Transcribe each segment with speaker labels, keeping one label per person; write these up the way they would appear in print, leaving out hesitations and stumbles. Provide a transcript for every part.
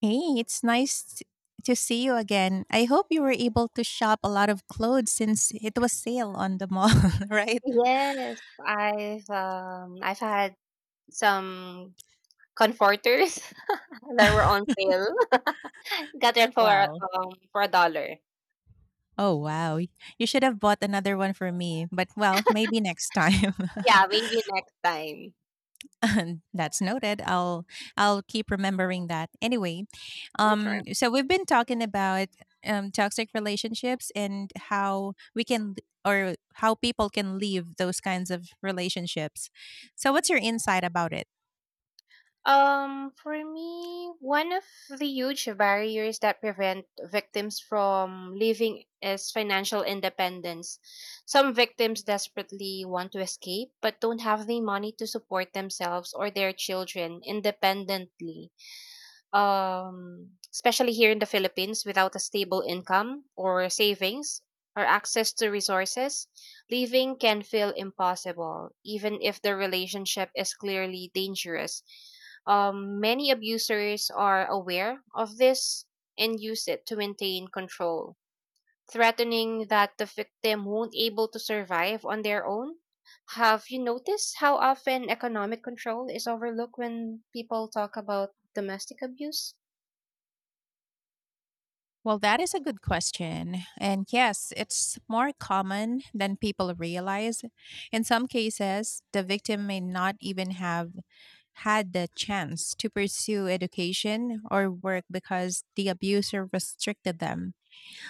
Speaker 1: Hey, it's nice to see you again. I hope you were able to shop a lot of clothes since it was sale on the mall, right?
Speaker 2: Yes, I've had some comforters that were on sale. Got them
Speaker 1: Wow.
Speaker 2: for a dollar.
Speaker 1: Oh, wow. You should have bought another one for me, but well, maybe next time.
Speaker 2: Yeah, maybe next time.
Speaker 1: That's noted. I'll keep remembering that. Anyway,
Speaker 2: For Sure.
Speaker 1: so we've been talking about toxic relationships and how we can or how people can leave those kinds of relationships. So, what's your insight about it?
Speaker 2: For me, one of the huge barriers that prevent victims from leaving is financial independence. Some victims desperately want to escape but don't have the money to support themselves or their children independently. Especially here in the Philippines, without a stable income or savings or access to resources, leaving can feel impossible, even if the relationship is clearly dangerous. Many abusers are aware of this and use it to maintain control, threatening that the victim won't able to survive on their own. Have you noticed how often economic control is overlooked when people talk about domestic abuse?
Speaker 1: Well, that is a good question. And yes, it's more common than people realize. In some cases, the victim may not even have had the chance to pursue education or work because the abuser restricted them.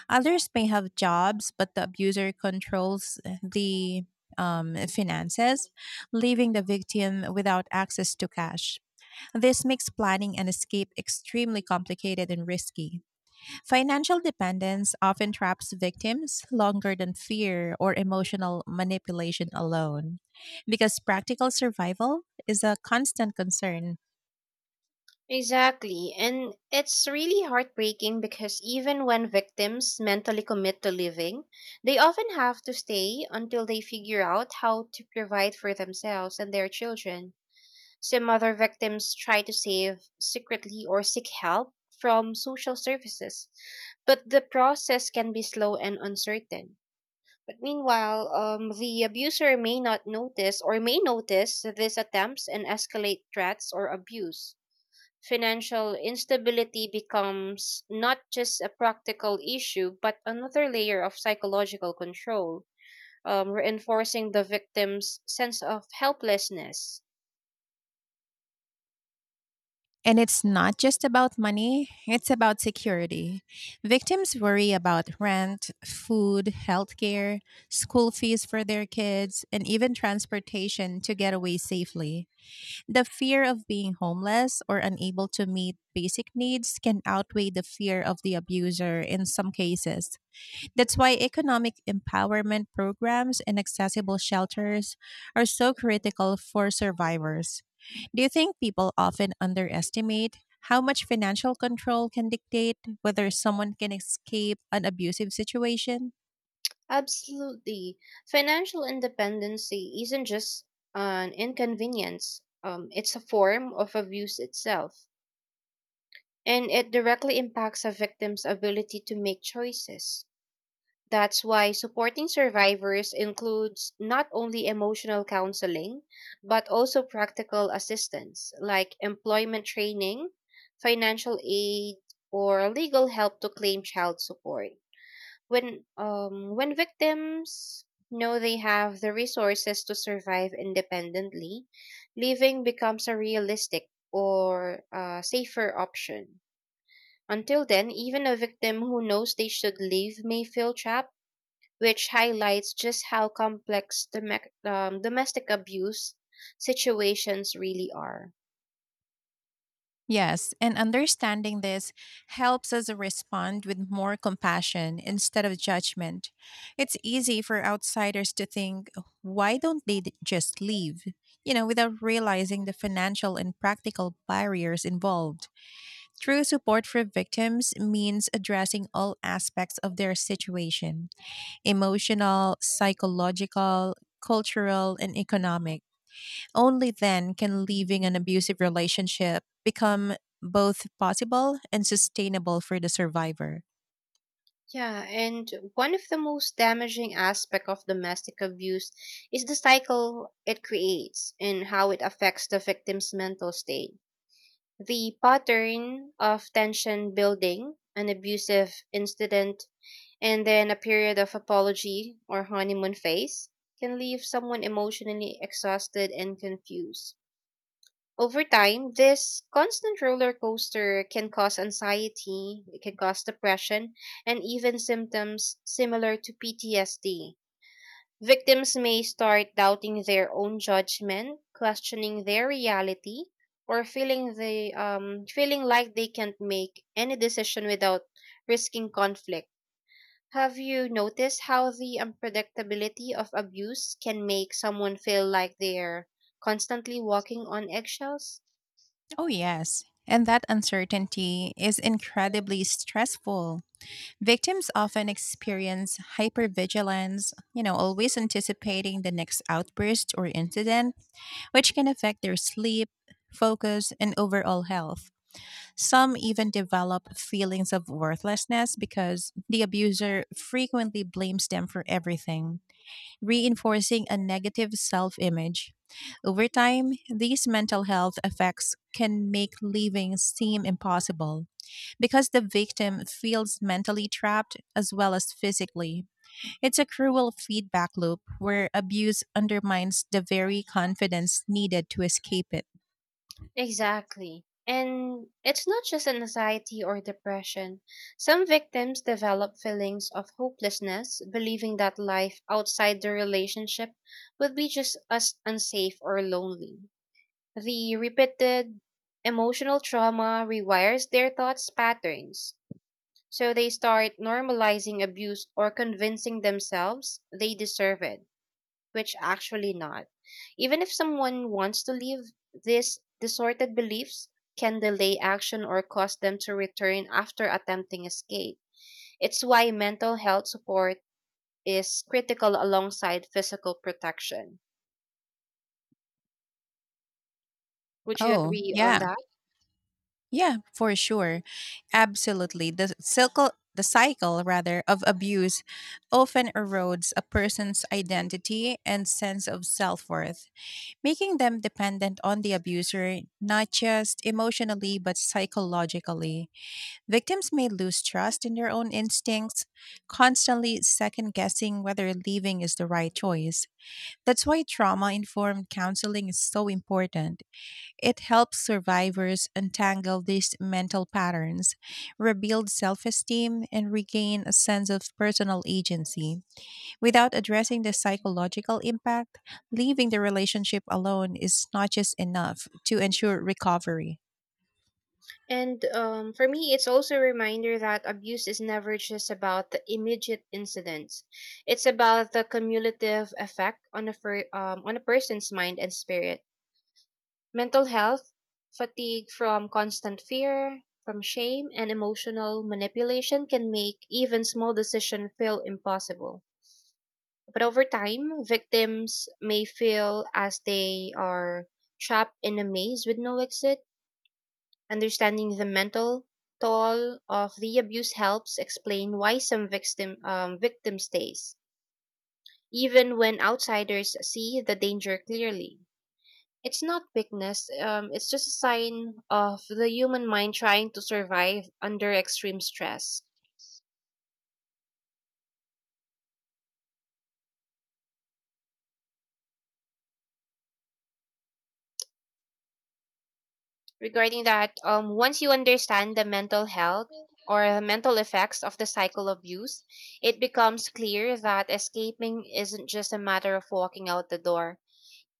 Speaker 1: Others may have jobs, but the abuser controls the finances, leaving the victim without access to cash. This makes planning an escape extremely complicated and risky. Financial dependence often traps victims longer than fear or emotional manipulation alone, because practical survival is a constant concern.
Speaker 2: Exactly. And it's really heartbreaking because even when victims mentally commit to living, they often have to stay until they figure out how to provide for themselves and their children. Some other victims try to save secretly or seek help from social services, but the process can be slow and uncertain. But meanwhile, the abuser may not notice or may notice these attempts and escalate threats or abuse financial instability becomes not just a practical issue, but another layer of psychological control, reinforcing the victim's sense of helplessness.
Speaker 1: And it's not just about money, it's about security. Victims worry about rent, food, healthcare, school fees for their kids, and even transportation to get away safely. The fear of being homeless or unable to meet basic needs can outweigh the fear of the abuser in some cases. That's why economic empowerment programs and accessible shelters are so critical for survivors. Do you think people often underestimate how much financial control can dictate whether someone can escape an abusive situation?
Speaker 2: Absolutely. Financial independency isn't just an inconvenience. It's a form of abuse itself, and it directly impacts a victim's ability to make choices. That's why supporting survivors includes not only emotional counseling, but also practical assistance like employment training, financial aid, or legal help to claim child support. When victims know they have the resources to survive independently, leaving becomes a realistic or safer option. Until then, even a victim who knows they should leave may feel trapped, which highlights just how complex domestic abuse situations really are.
Speaker 1: Yes, and understanding this helps us respond with more compassion instead of judgment. It's easy for outsiders to think, why don't they d- just leave? You know, without realizing the financial and practical barriers involved. True support for victims means addressing all aspects of their situation, emotional, psychological, cultural, and economic. Only then can leaving an abusive relationship become both possible and sustainable for the survivor.
Speaker 2: Yeah, and one of the most damaging aspects of domestic abuse is the cycle it creates and how it affects the victim's mental state. The pattern of tension building, an abusive incident, and then a period of apology or honeymoon phase can leave someone emotionally exhausted and confused. Over time, this constant roller coaster can cause anxiety, it can cause depression, and even symptoms similar to PTSD. Victims may start doubting their own judgment, questioning their reality, or feeling like they can't make any decision without risking conflict. Have you noticed how the unpredictability of abuse can make someone feel like they're constantly walking on eggshells?
Speaker 1: Oh, yes. And that uncertainty is incredibly stressful. Victims often experience hypervigilance, you know, always anticipating the next outburst or incident, which can affect their sleep, focus, and overall health. Some even develop feelings of worthlessness because the abuser frequently blames them for everything, reinforcing a negative self image. Over time, these mental health effects can make living seem impossible because the victim feels mentally trapped as well as physically. It's a cruel feedback loop where abuse undermines the very confidence needed to escape it.
Speaker 2: Exactly. And it's not just anxiety or depression. Some victims develop feelings of hopelessness, believing that life outside the relationship would be just as unsafe or lonely. The repeated emotional trauma rewires their thoughts patterns, so they start normalizing abuse or convincing themselves they deserve it, which actually not. Even if someone wants to leave, these distorted beliefs can delay action or cause them to return after attempting escape. It's why mental health support is critical alongside physical protection. Would you
Speaker 1: Oh,
Speaker 2: agree on
Speaker 1: yeah.
Speaker 2: that?
Speaker 1: Yeah, for sure. Absolutely. The cycle rather of abuse often erodes a person's identity and sense of self-worth, making them dependent on the abuser not just emotionally but psychologically. Victims may lose trust in their own instincts, constantly second-guessing whether leaving is the right choice. That's why trauma-informed counseling is so important. It helps survivors untangle these mental patterns, rebuild self esteem, and regain a sense of personal agency. Without addressing the psychological impact, leaving the relationship alone is not just enough to ensure recovery.
Speaker 2: And for me, it's also a reminder that abuse is never just about the immediate incidents. It's about the cumulative effect on on a person's mind and spirit. Mental health, fatigue from constant fear, from shame, and emotional manipulation can make even small decisions feel impossible. But over time, victims may feel as they are trapped in a maze with no exit. Understanding the mental toll of the abuse helps explain why some victim stays, even when outsiders see the danger clearly. It's not weakness. It's just a sign of the human mind trying to survive under extreme stress. Regarding that, once you understand the mental health or the mental effects of the cycle of abuse, it becomes clear that escaping isn't just a matter of walking out the door.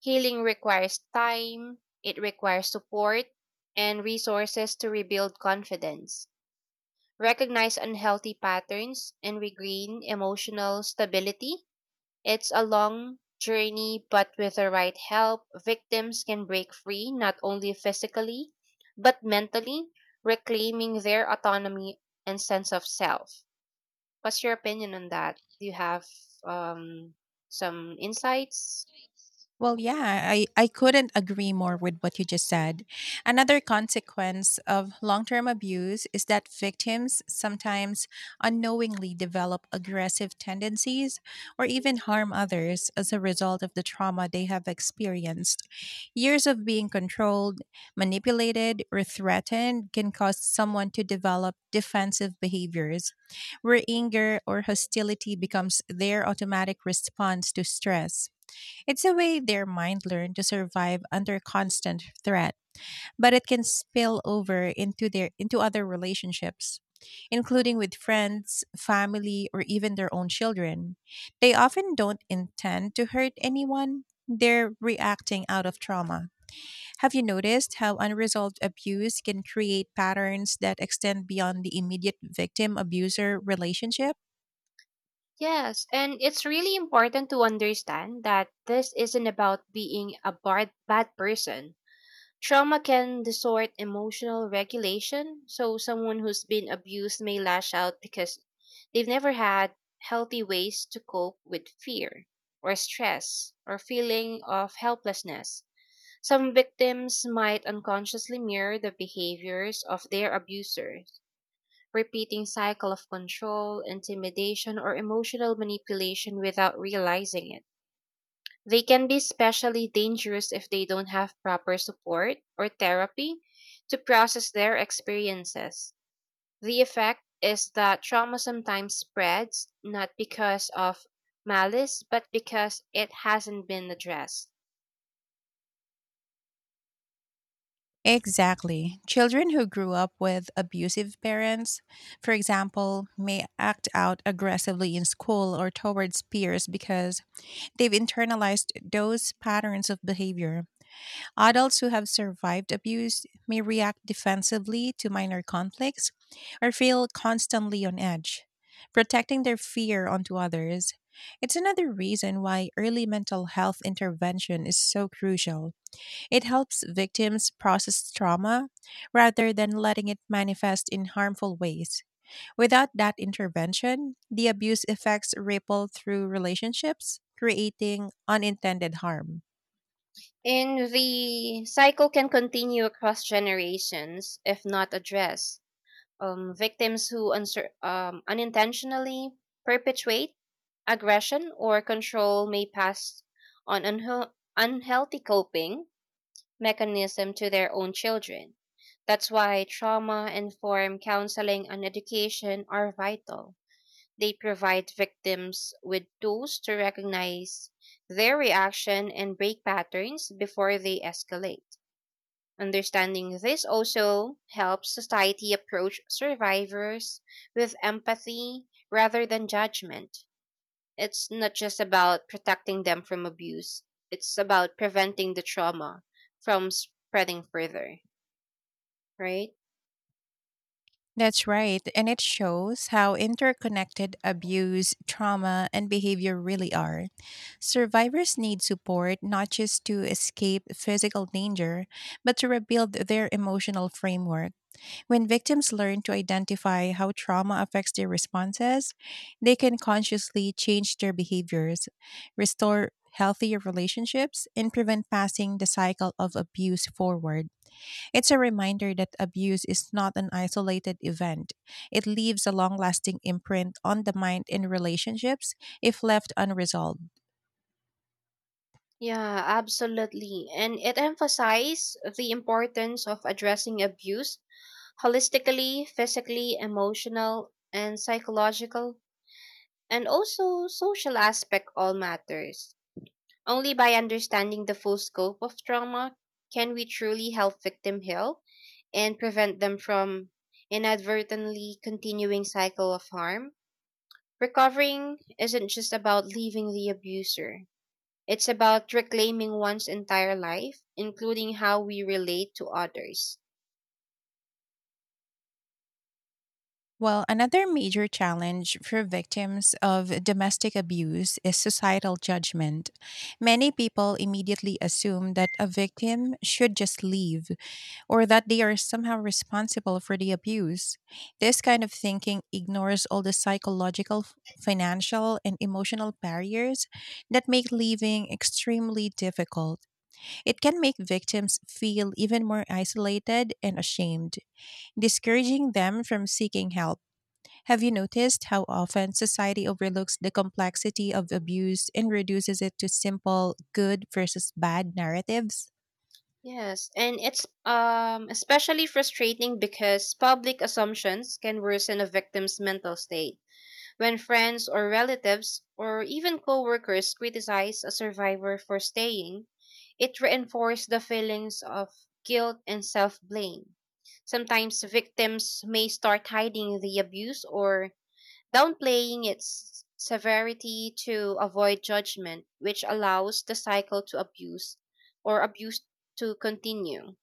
Speaker 2: Healing requires time, it requires support, and resources to rebuild confidence, recognize unhealthy patterns and regain emotional stability. It's a long journey, but with the right help, victims can break free not only physically, but mentally, reclaiming their autonomy and sense of self. What's your opinion on that? Do you have, um, some insights?
Speaker 1: Well, yeah, I couldn't agree more with what you just said. Another consequence of long term abuse is that victims sometimes unknowingly develop aggressive tendencies or even harm others as a result of the trauma they have experienced. Years of being controlled, manipulated, or threatened can cause someone to develop defensive behaviors where anger or hostility becomes their automatic response to stress. It's a way their mind learned to survive under constant threat, but it can spill over into other relationships, including with friends, family, or even their own children. They often don't intend to hurt anyone. They're reacting out of trauma. Have you noticed how unresolved abuse can create patterns that extend beyond the immediate victim abuser relationship?
Speaker 2: Yes, and it's really important to understand that this isn't about being a bad, bad person. Trauma can distort emotional regulation, so someone who's been abused may lash out because they've never had healthy ways to cope with fear or stress or feeling of helplessness. Some victims might unconsciously mirror the behaviors of their abusers, repeating cycle of control, intimidation or emotional manipulation without realizing it. They can be especially dangerous if they don't have proper support or therapy to process their experiences. The effect is that trauma sometimes spreads not because of malice, but because it hasn't been addressed.
Speaker 1: Exactly. Children who grew up with abusive parents, for example, may act out aggressively in school or towards peers because they've internalized those patterns of behavior. Adults who have survived abuse may react defensively to minor conflicts or feel constantly on edge, protecting their fear onto others. It's another reason why early mental health intervention is so crucial. It helps victims process trauma rather than letting it manifest in harmful ways. Without that intervention, the abuse effects ripple through relationships, creating unintended harm.
Speaker 2: And the cycle can continue across generations if not addressed. Victims who unintentionally perpetuate aggression or control may pass on unhealthy coping mechanism to their own children. That's why trauma informed counseling and education are vital. They provide victims with tools to recognize their reaction and break patterns before they escalate. Understanding this also helps society approach survivors with empathy rather than judgment. It's not just about protecting them from abuse, it's about preventing the trauma from spreading further, right?
Speaker 1: That's right, and it shows how interconnected abuse, trauma, and behavior really are. Survivors need support not just to escape physical danger, but to rebuild their emotional framework. When victims learn to identify how trauma affects their responses, they can consciously change their behaviors, restore healthier relationships, and prevent passing the cycle of abuse forward. It's a reminder that abuse is not an isolated event. It leaves a long lasting imprint on the mind and relationships if left unresolved.
Speaker 2: Yeah, absolutely. And it emphasizes the importance of addressing abuse holistically, physically, emotional, and psychological, and also social aspect all matters. Only by understanding the full scope of trauma can we truly help victims heal and prevent them from inadvertently continuing cycle of harm. Recovering isn't just about leaving the abuser. It's about reclaiming one's entire life, including how we relate to others.
Speaker 1: Well, another major challenge for victims of domestic abuse is societal judgment. Many people immediately assume that a victim should just leave, or that they are somehow responsible for the abuse. This kind of thinking ignores all the psychological, financial, and emotional barriers that make leaving extremely difficult. It can make victims feel even more isolated and ashamed, discouraging them from seeking help. Have you noticed how often society overlooks the complexity of abuse and reduces it to simple good versus bad narratives?
Speaker 2: Yes, and it's especially frustrating because public assumptions can worsen a victim's mental state. When friends or relatives or even coworkers criticize a survivor for staying, it reinforces the feelings of guilt and self blame. Sometimes victims may start hiding the abuse or downplaying its severity to avoid judgment, which allows the cycle to abuse or abuse to continue.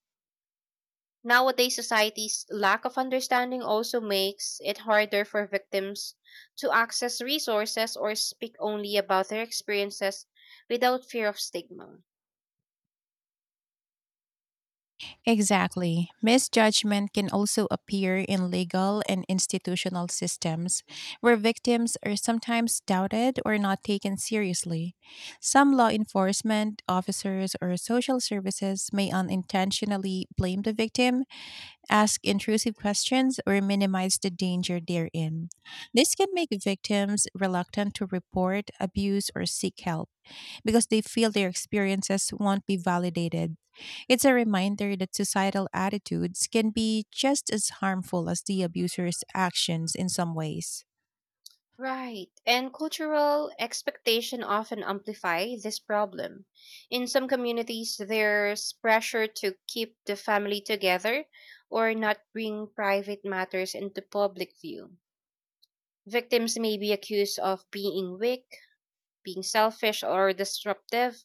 Speaker 2: Nowadays, society's lack of understanding also makes it harder for victims to access resources or speak only about their experiences without fear of stigma.
Speaker 1: Exactly. Misjudgment can also appear in legal and institutional systems where victims are sometimes doubted or not taken seriously. Some law enforcement officers or social services may unintentionally blame the victim, ask intrusive questions, or minimize the danger they're in. This can make victims reluctant to report abuse or seek help because they feel their experiences won't be validated. It's a reminder that societal attitudes can be just as harmful as the abuser's actions in some ways.
Speaker 2: Right. And cultural expectation often amplify this problem. In some communities, there's pressure to keep the family together or not bring private matters into public view. Victims may be accused of being weak, being selfish or disruptive,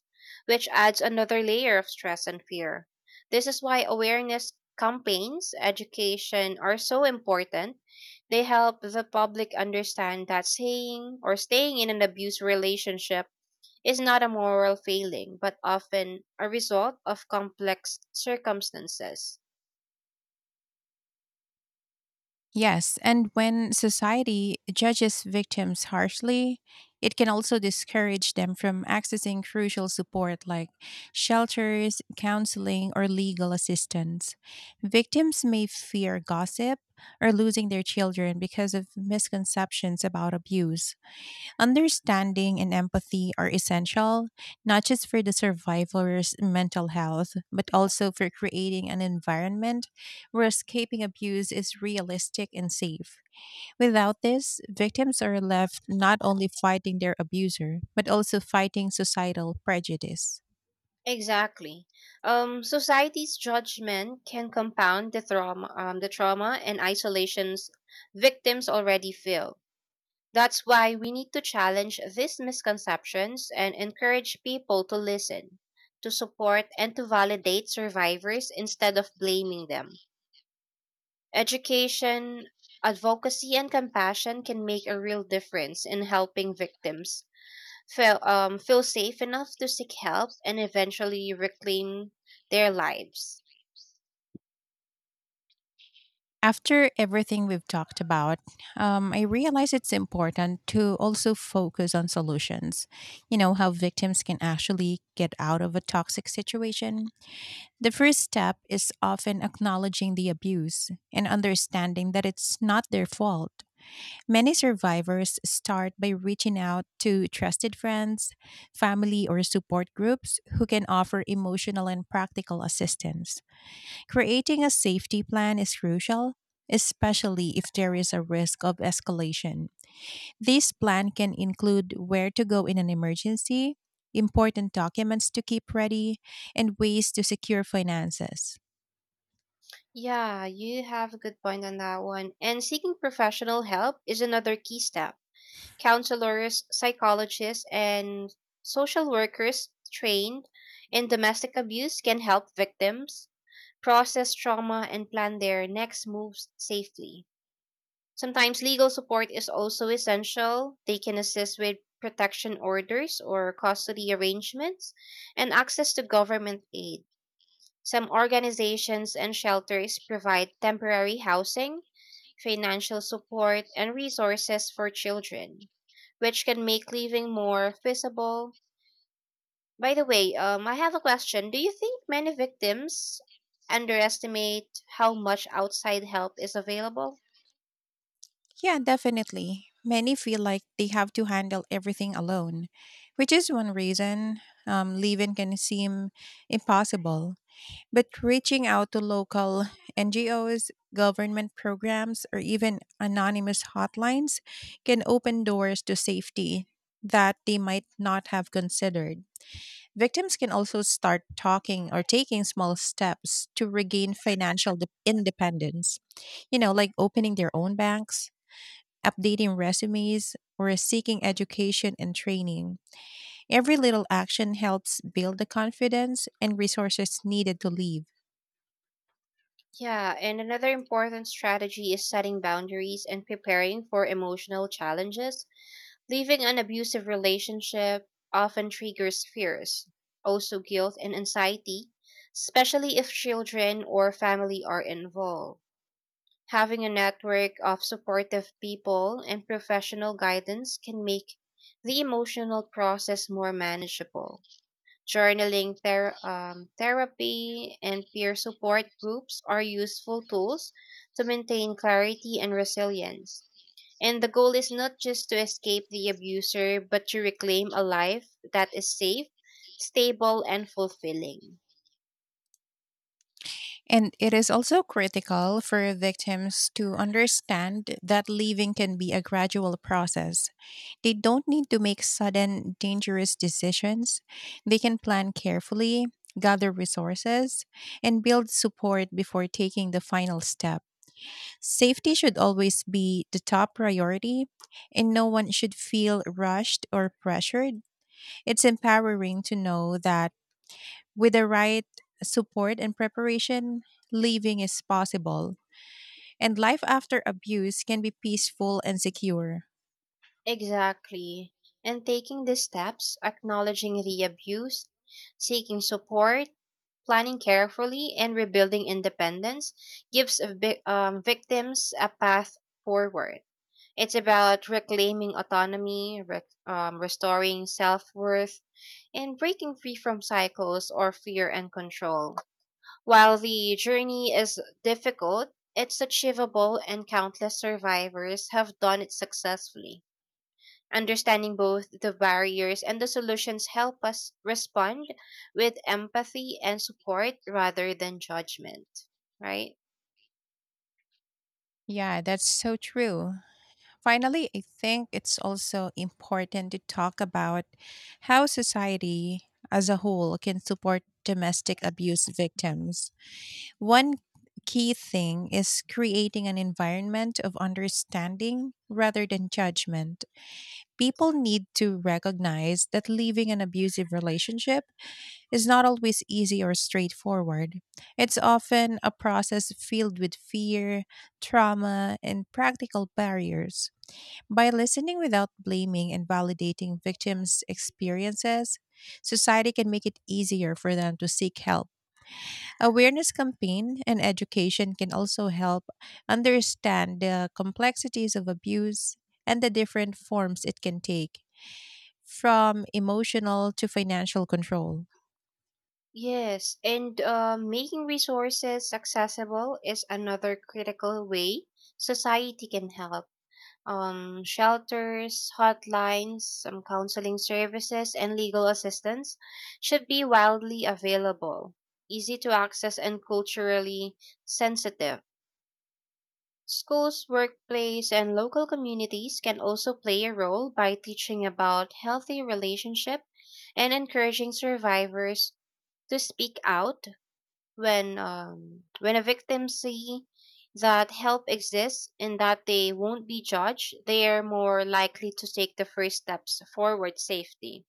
Speaker 2: which adds another layer of stress and fear. This is why awareness campaigns, education are so important. They help the public understand that saying or staying in an abuse relationship is not a moral failing, but often a result of complex circumstances.
Speaker 1: Yes, and when society judges victims harshly, it can also discourage them from accessing crucial support like shelters, counseling, or legal assistance. Victims may fear gossip or losing their children because of misconceptions about abuse. Understanding and empathy are essential, not just for the survivor's mental health, but also for creating an environment where escaping abuse is realistic and safe. Without this, victims are left not only fighting their abuser, but also fighting societal prejudice.
Speaker 2: Exactly. Society's judgment can compound the trauma, the trauma and isolations victims already feel. That's why we need to challenge these misconceptions and encourage people to listen, to support, and to validate survivors instead of blaming them. Education, advocacy, and compassion can make a real difference in helping victims feel safe enough to seek help and eventually reclaim their lives.
Speaker 1: After everything we've talked about, I realize it's important to also focus on solutions. You know, how victims can actually get out of a toxic situation. The first step is often acknowledging the abuse and understanding that it's not their fault. Many survivors start by reaching out to trusted friends, family, or support groups who can offer emotional and practical assistance. Creating a safety plan is crucial, especially if there is a risk of escalation. This plan can include where to go in an emergency, important documents to keep ready, and ways to secure finances.
Speaker 2: Yeah, you have a good point on that one. And seeking professional help is another key step. Counselors, psychologists, and social workers trained in domestic abuse can help victims process trauma and plan their next moves safely. Sometimes legal support is also essential. They can assist with protection orders or custody arrangements and access to government aid. Some organizations and shelters provide temporary housing, financial support, and resources for children, which can make living more feasible. By the way, I have a question. Do you think many victims underestimate how much outside help is available?
Speaker 1: Yeah, definitely. Many feel like they have to handle everything alone, which is one reason leave in can seem impossible. But reaching out to local NGOs, government programs, or even anonymous hotlines can open doors to safety that they might not have considered. Victims can also start talking or taking small steps to regain financial independence, you know, like opening their own banks, updating resumes, or seeking education and training. Every little action helps build the confidence and resources needed to leave.
Speaker 2: Yeah, and another important strategy is setting boundaries and preparing for emotional challenges. Leaving an abusive relationship often triggers fears, also guilt and anxiety, especially if children or family are involved. Having a network of supportive people and professional guidance can make the emotional process more manageable. Journaling, therapy, and peer support groups are useful tools to maintain clarity and resilience. And the goal is not just to escape the abuser, but to reclaim a life that is safe, stable, and fulfilling.
Speaker 1: And it is also critical for victims to understand that leaving can be a gradual process. They don't need to make sudden, dangerous decisions. They can plan carefully, gather resources, and build support before taking the final step. Safety should always be the top priority, and no one should feel rushed or pressured. It's empowering to know that with the right support and preparation, living is possible, and life after abuse can be peaceful and secure.
Speaker 2: Exactly. And taking these steps, acknowledging the abuse, seeking support, planning carefully, and rebuilding independence gives victims a path forward. It's about reclaiming autonomy, restoring self worth, and breaking free from cycles or fear and control. While the journey is difficult, it's achievable and countless survivors have done it successfully. Understanding both the barriers and the solutions help us respond with empathy and support rather than judgment, right?
Speaker 1: Yeah, that's so true. Finally, I think it's also important to talk about how society as a whole can support domestic abuse victims. One key thing is creating an environment of understanding rather than judgment. People need to recognize that leaving an abusive relationship is not always easy or straightforward. It's often a process filled with fear, trauma, and practical barriers. By listening without blaming and validating victims' experiences, society can make it easier for them to seek help. Awareness campaign and education can also help understand the complexities of abuse and the different forms it can take, from emotional to financial control.
Speaker 2: Yes, and making resources accessible is another critical way society can help. Shelters, hotlines, some counseling services, and legal assistance should be widely available, easy to access, and culturally sensitive. Schools, workplace, and local communities can also play a role by teaching about healthy relationship and encouraging survivors to speak out when, when a victim see that help exists and that they won't be judged, they are more likely to take the first steps forward safety.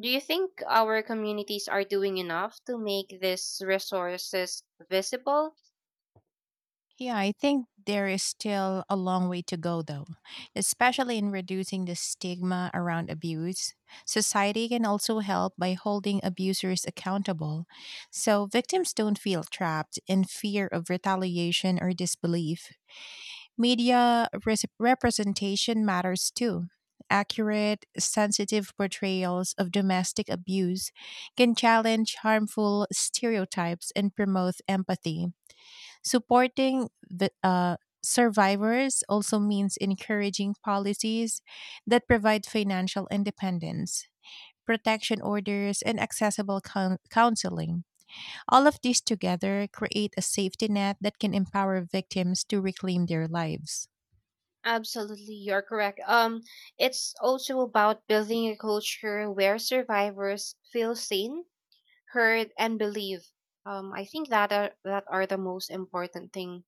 Speaker 2: Do you think our communities are doing enough to make these resources visible?
Speaker 1: Yeah, I think there is still a long way to go, though, especially in reducing the stigma around abuse. Society can also help by holding abusers accountable so victims don't feel trapped in fear of retaliation or disbelief. Media representation matters too. Accurate, sensitive portrayals of domestic abuse can challenge harmful stereotypes and promote empathy. Supporting the survivors also means encouraging policies that provide financial independence, protection orders, and accessible counseling. All of these together create a safety net that can empower victims to reclaim their lives.
Speaker 2: Absolutely, you're correct. It's also about building a culture where survivors feel seen, heard, and believe. I think that are the most important thing,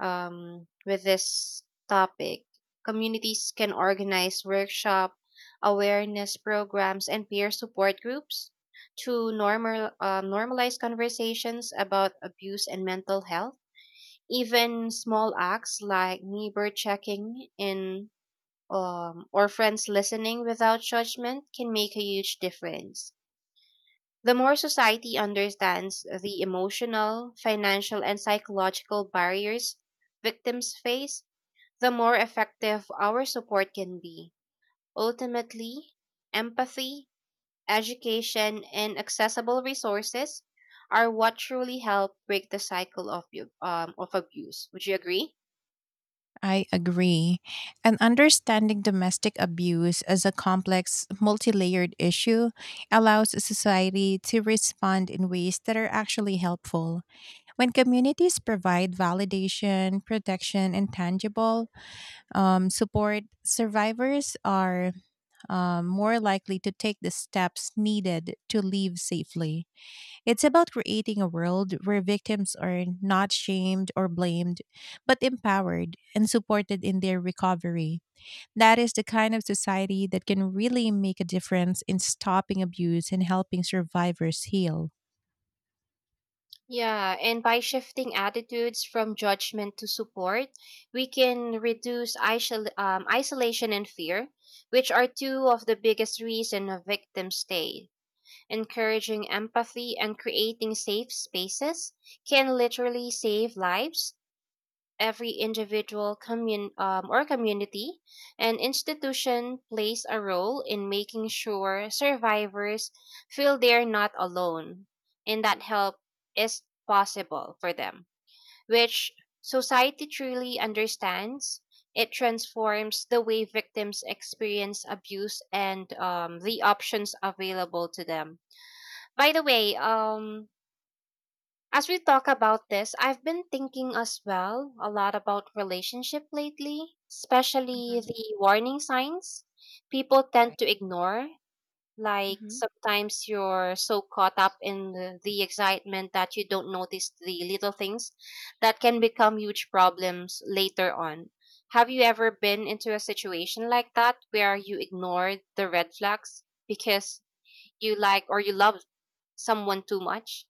Speaker 2: with this topic. Communities can organize workshop, awareness programs, and peer support groups to normalize conversations about abuse and mental health. Even small acts like neighbor checking in, or friends listening without judgment can make a huge difference. The more society understands the emotional, financial, and psychological barriers victims face, the more effective our support can be. Ultimately, empathy, education, and accessible resources are what truly help break the cycle of, of abuse. Would you agree?
Speaker 1: I agree. And understanding domestic abuse as a complex, multi layered issue allows a society to respond in ways that are actually helpful. When communities provide validation, protection, and tangible support, survivors are more likely to take the steps needed to live safely. It's about creating a world where victims are not shamed or blamed, but empowered and supported in their recovery. That is the kind of society that can really make a difference in stopping abuse and helping survivors heal.
Speaker 2: Yeah, and by shifting attitudes from judgment to support, we can reduce isolation and fear, which are two of the biggest reasons victims stay. Encouraging empathy and creating safe spaces can literally save lives. Every individual, or community and institution plays a role in making sure survivors feel they're not alone and that help is possible for them, which society truly understands. It transforms the way victims experience abuse and, the options available to them. By the way, as we talk about this, I've been thinking as well a lot about relationship lately, especially the warning signs people tend to ignore. Like sometimes you're so caught up in the excitement that you don't notice the little things that can become huge problems later on. Have you ever been into a situation like that where you ignored the red flags because you like or you love someone too much?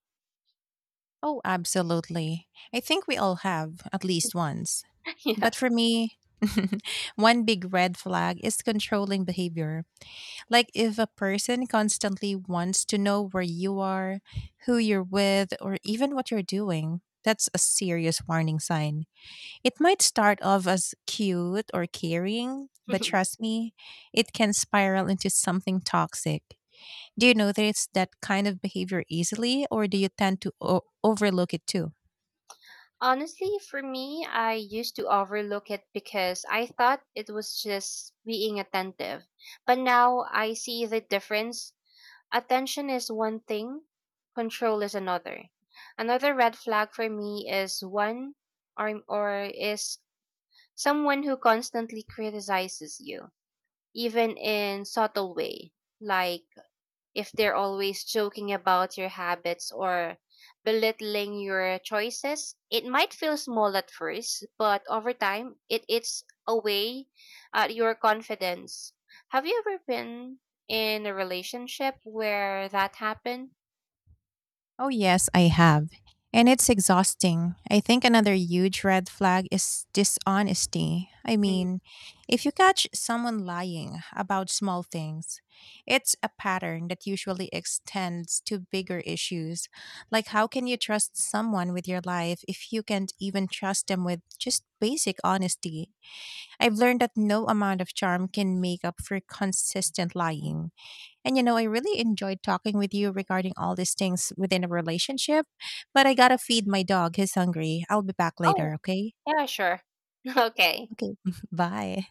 Speaker 1: Oh, absolutely. I think we all have, at least once.
Speaker 2: Yeah.
Speaker 1: But for me, one big red flag is controlling behavior. Like if a person constantly wants to know where you are, who you're with, or even what you're doing, that's a serious warning sign. It might start off as cute or caring, but trust me, it can spiral into something toxic. Do you notice that kind of behavior easily, or do you tend to overlook it too?
Speaker 2: Honestly, for me, I used to overlook it because I thought it was just being attentive. But now I see the difference. Attention is one thing, control is another. Another red flag for me is one or is someone who constantly criticizes you, even in subtle way, like if they're always joking about your habits or belittling your choices, it might feel small at first, but over time, it eats away at your confidence. Have you ever been in a relationship where that happened?
Speaker 1: Oh, yes, I have. And it's exhausting. I think another huge red flag is dishonesty. I
Speaker 2: Mm.
Speaker 1: mean, if you catch someone lying about small things, it's a pattern that usually extends to bigger issues. Like, how can you trust someone with your life if you can't even trust them with just basic honesty? I've learned that no amount of charm can make up for consistent lying. And you know, I really enjoyed talking with you regarding all these things within a relationship, but I gotta feed my dog. He's hungry. I'll be back later,
Speaker 2: Oh,
Speaker 1: okay?
Speaker 2: yeah, sure. Okay.
Speaker 1: Okay, bye.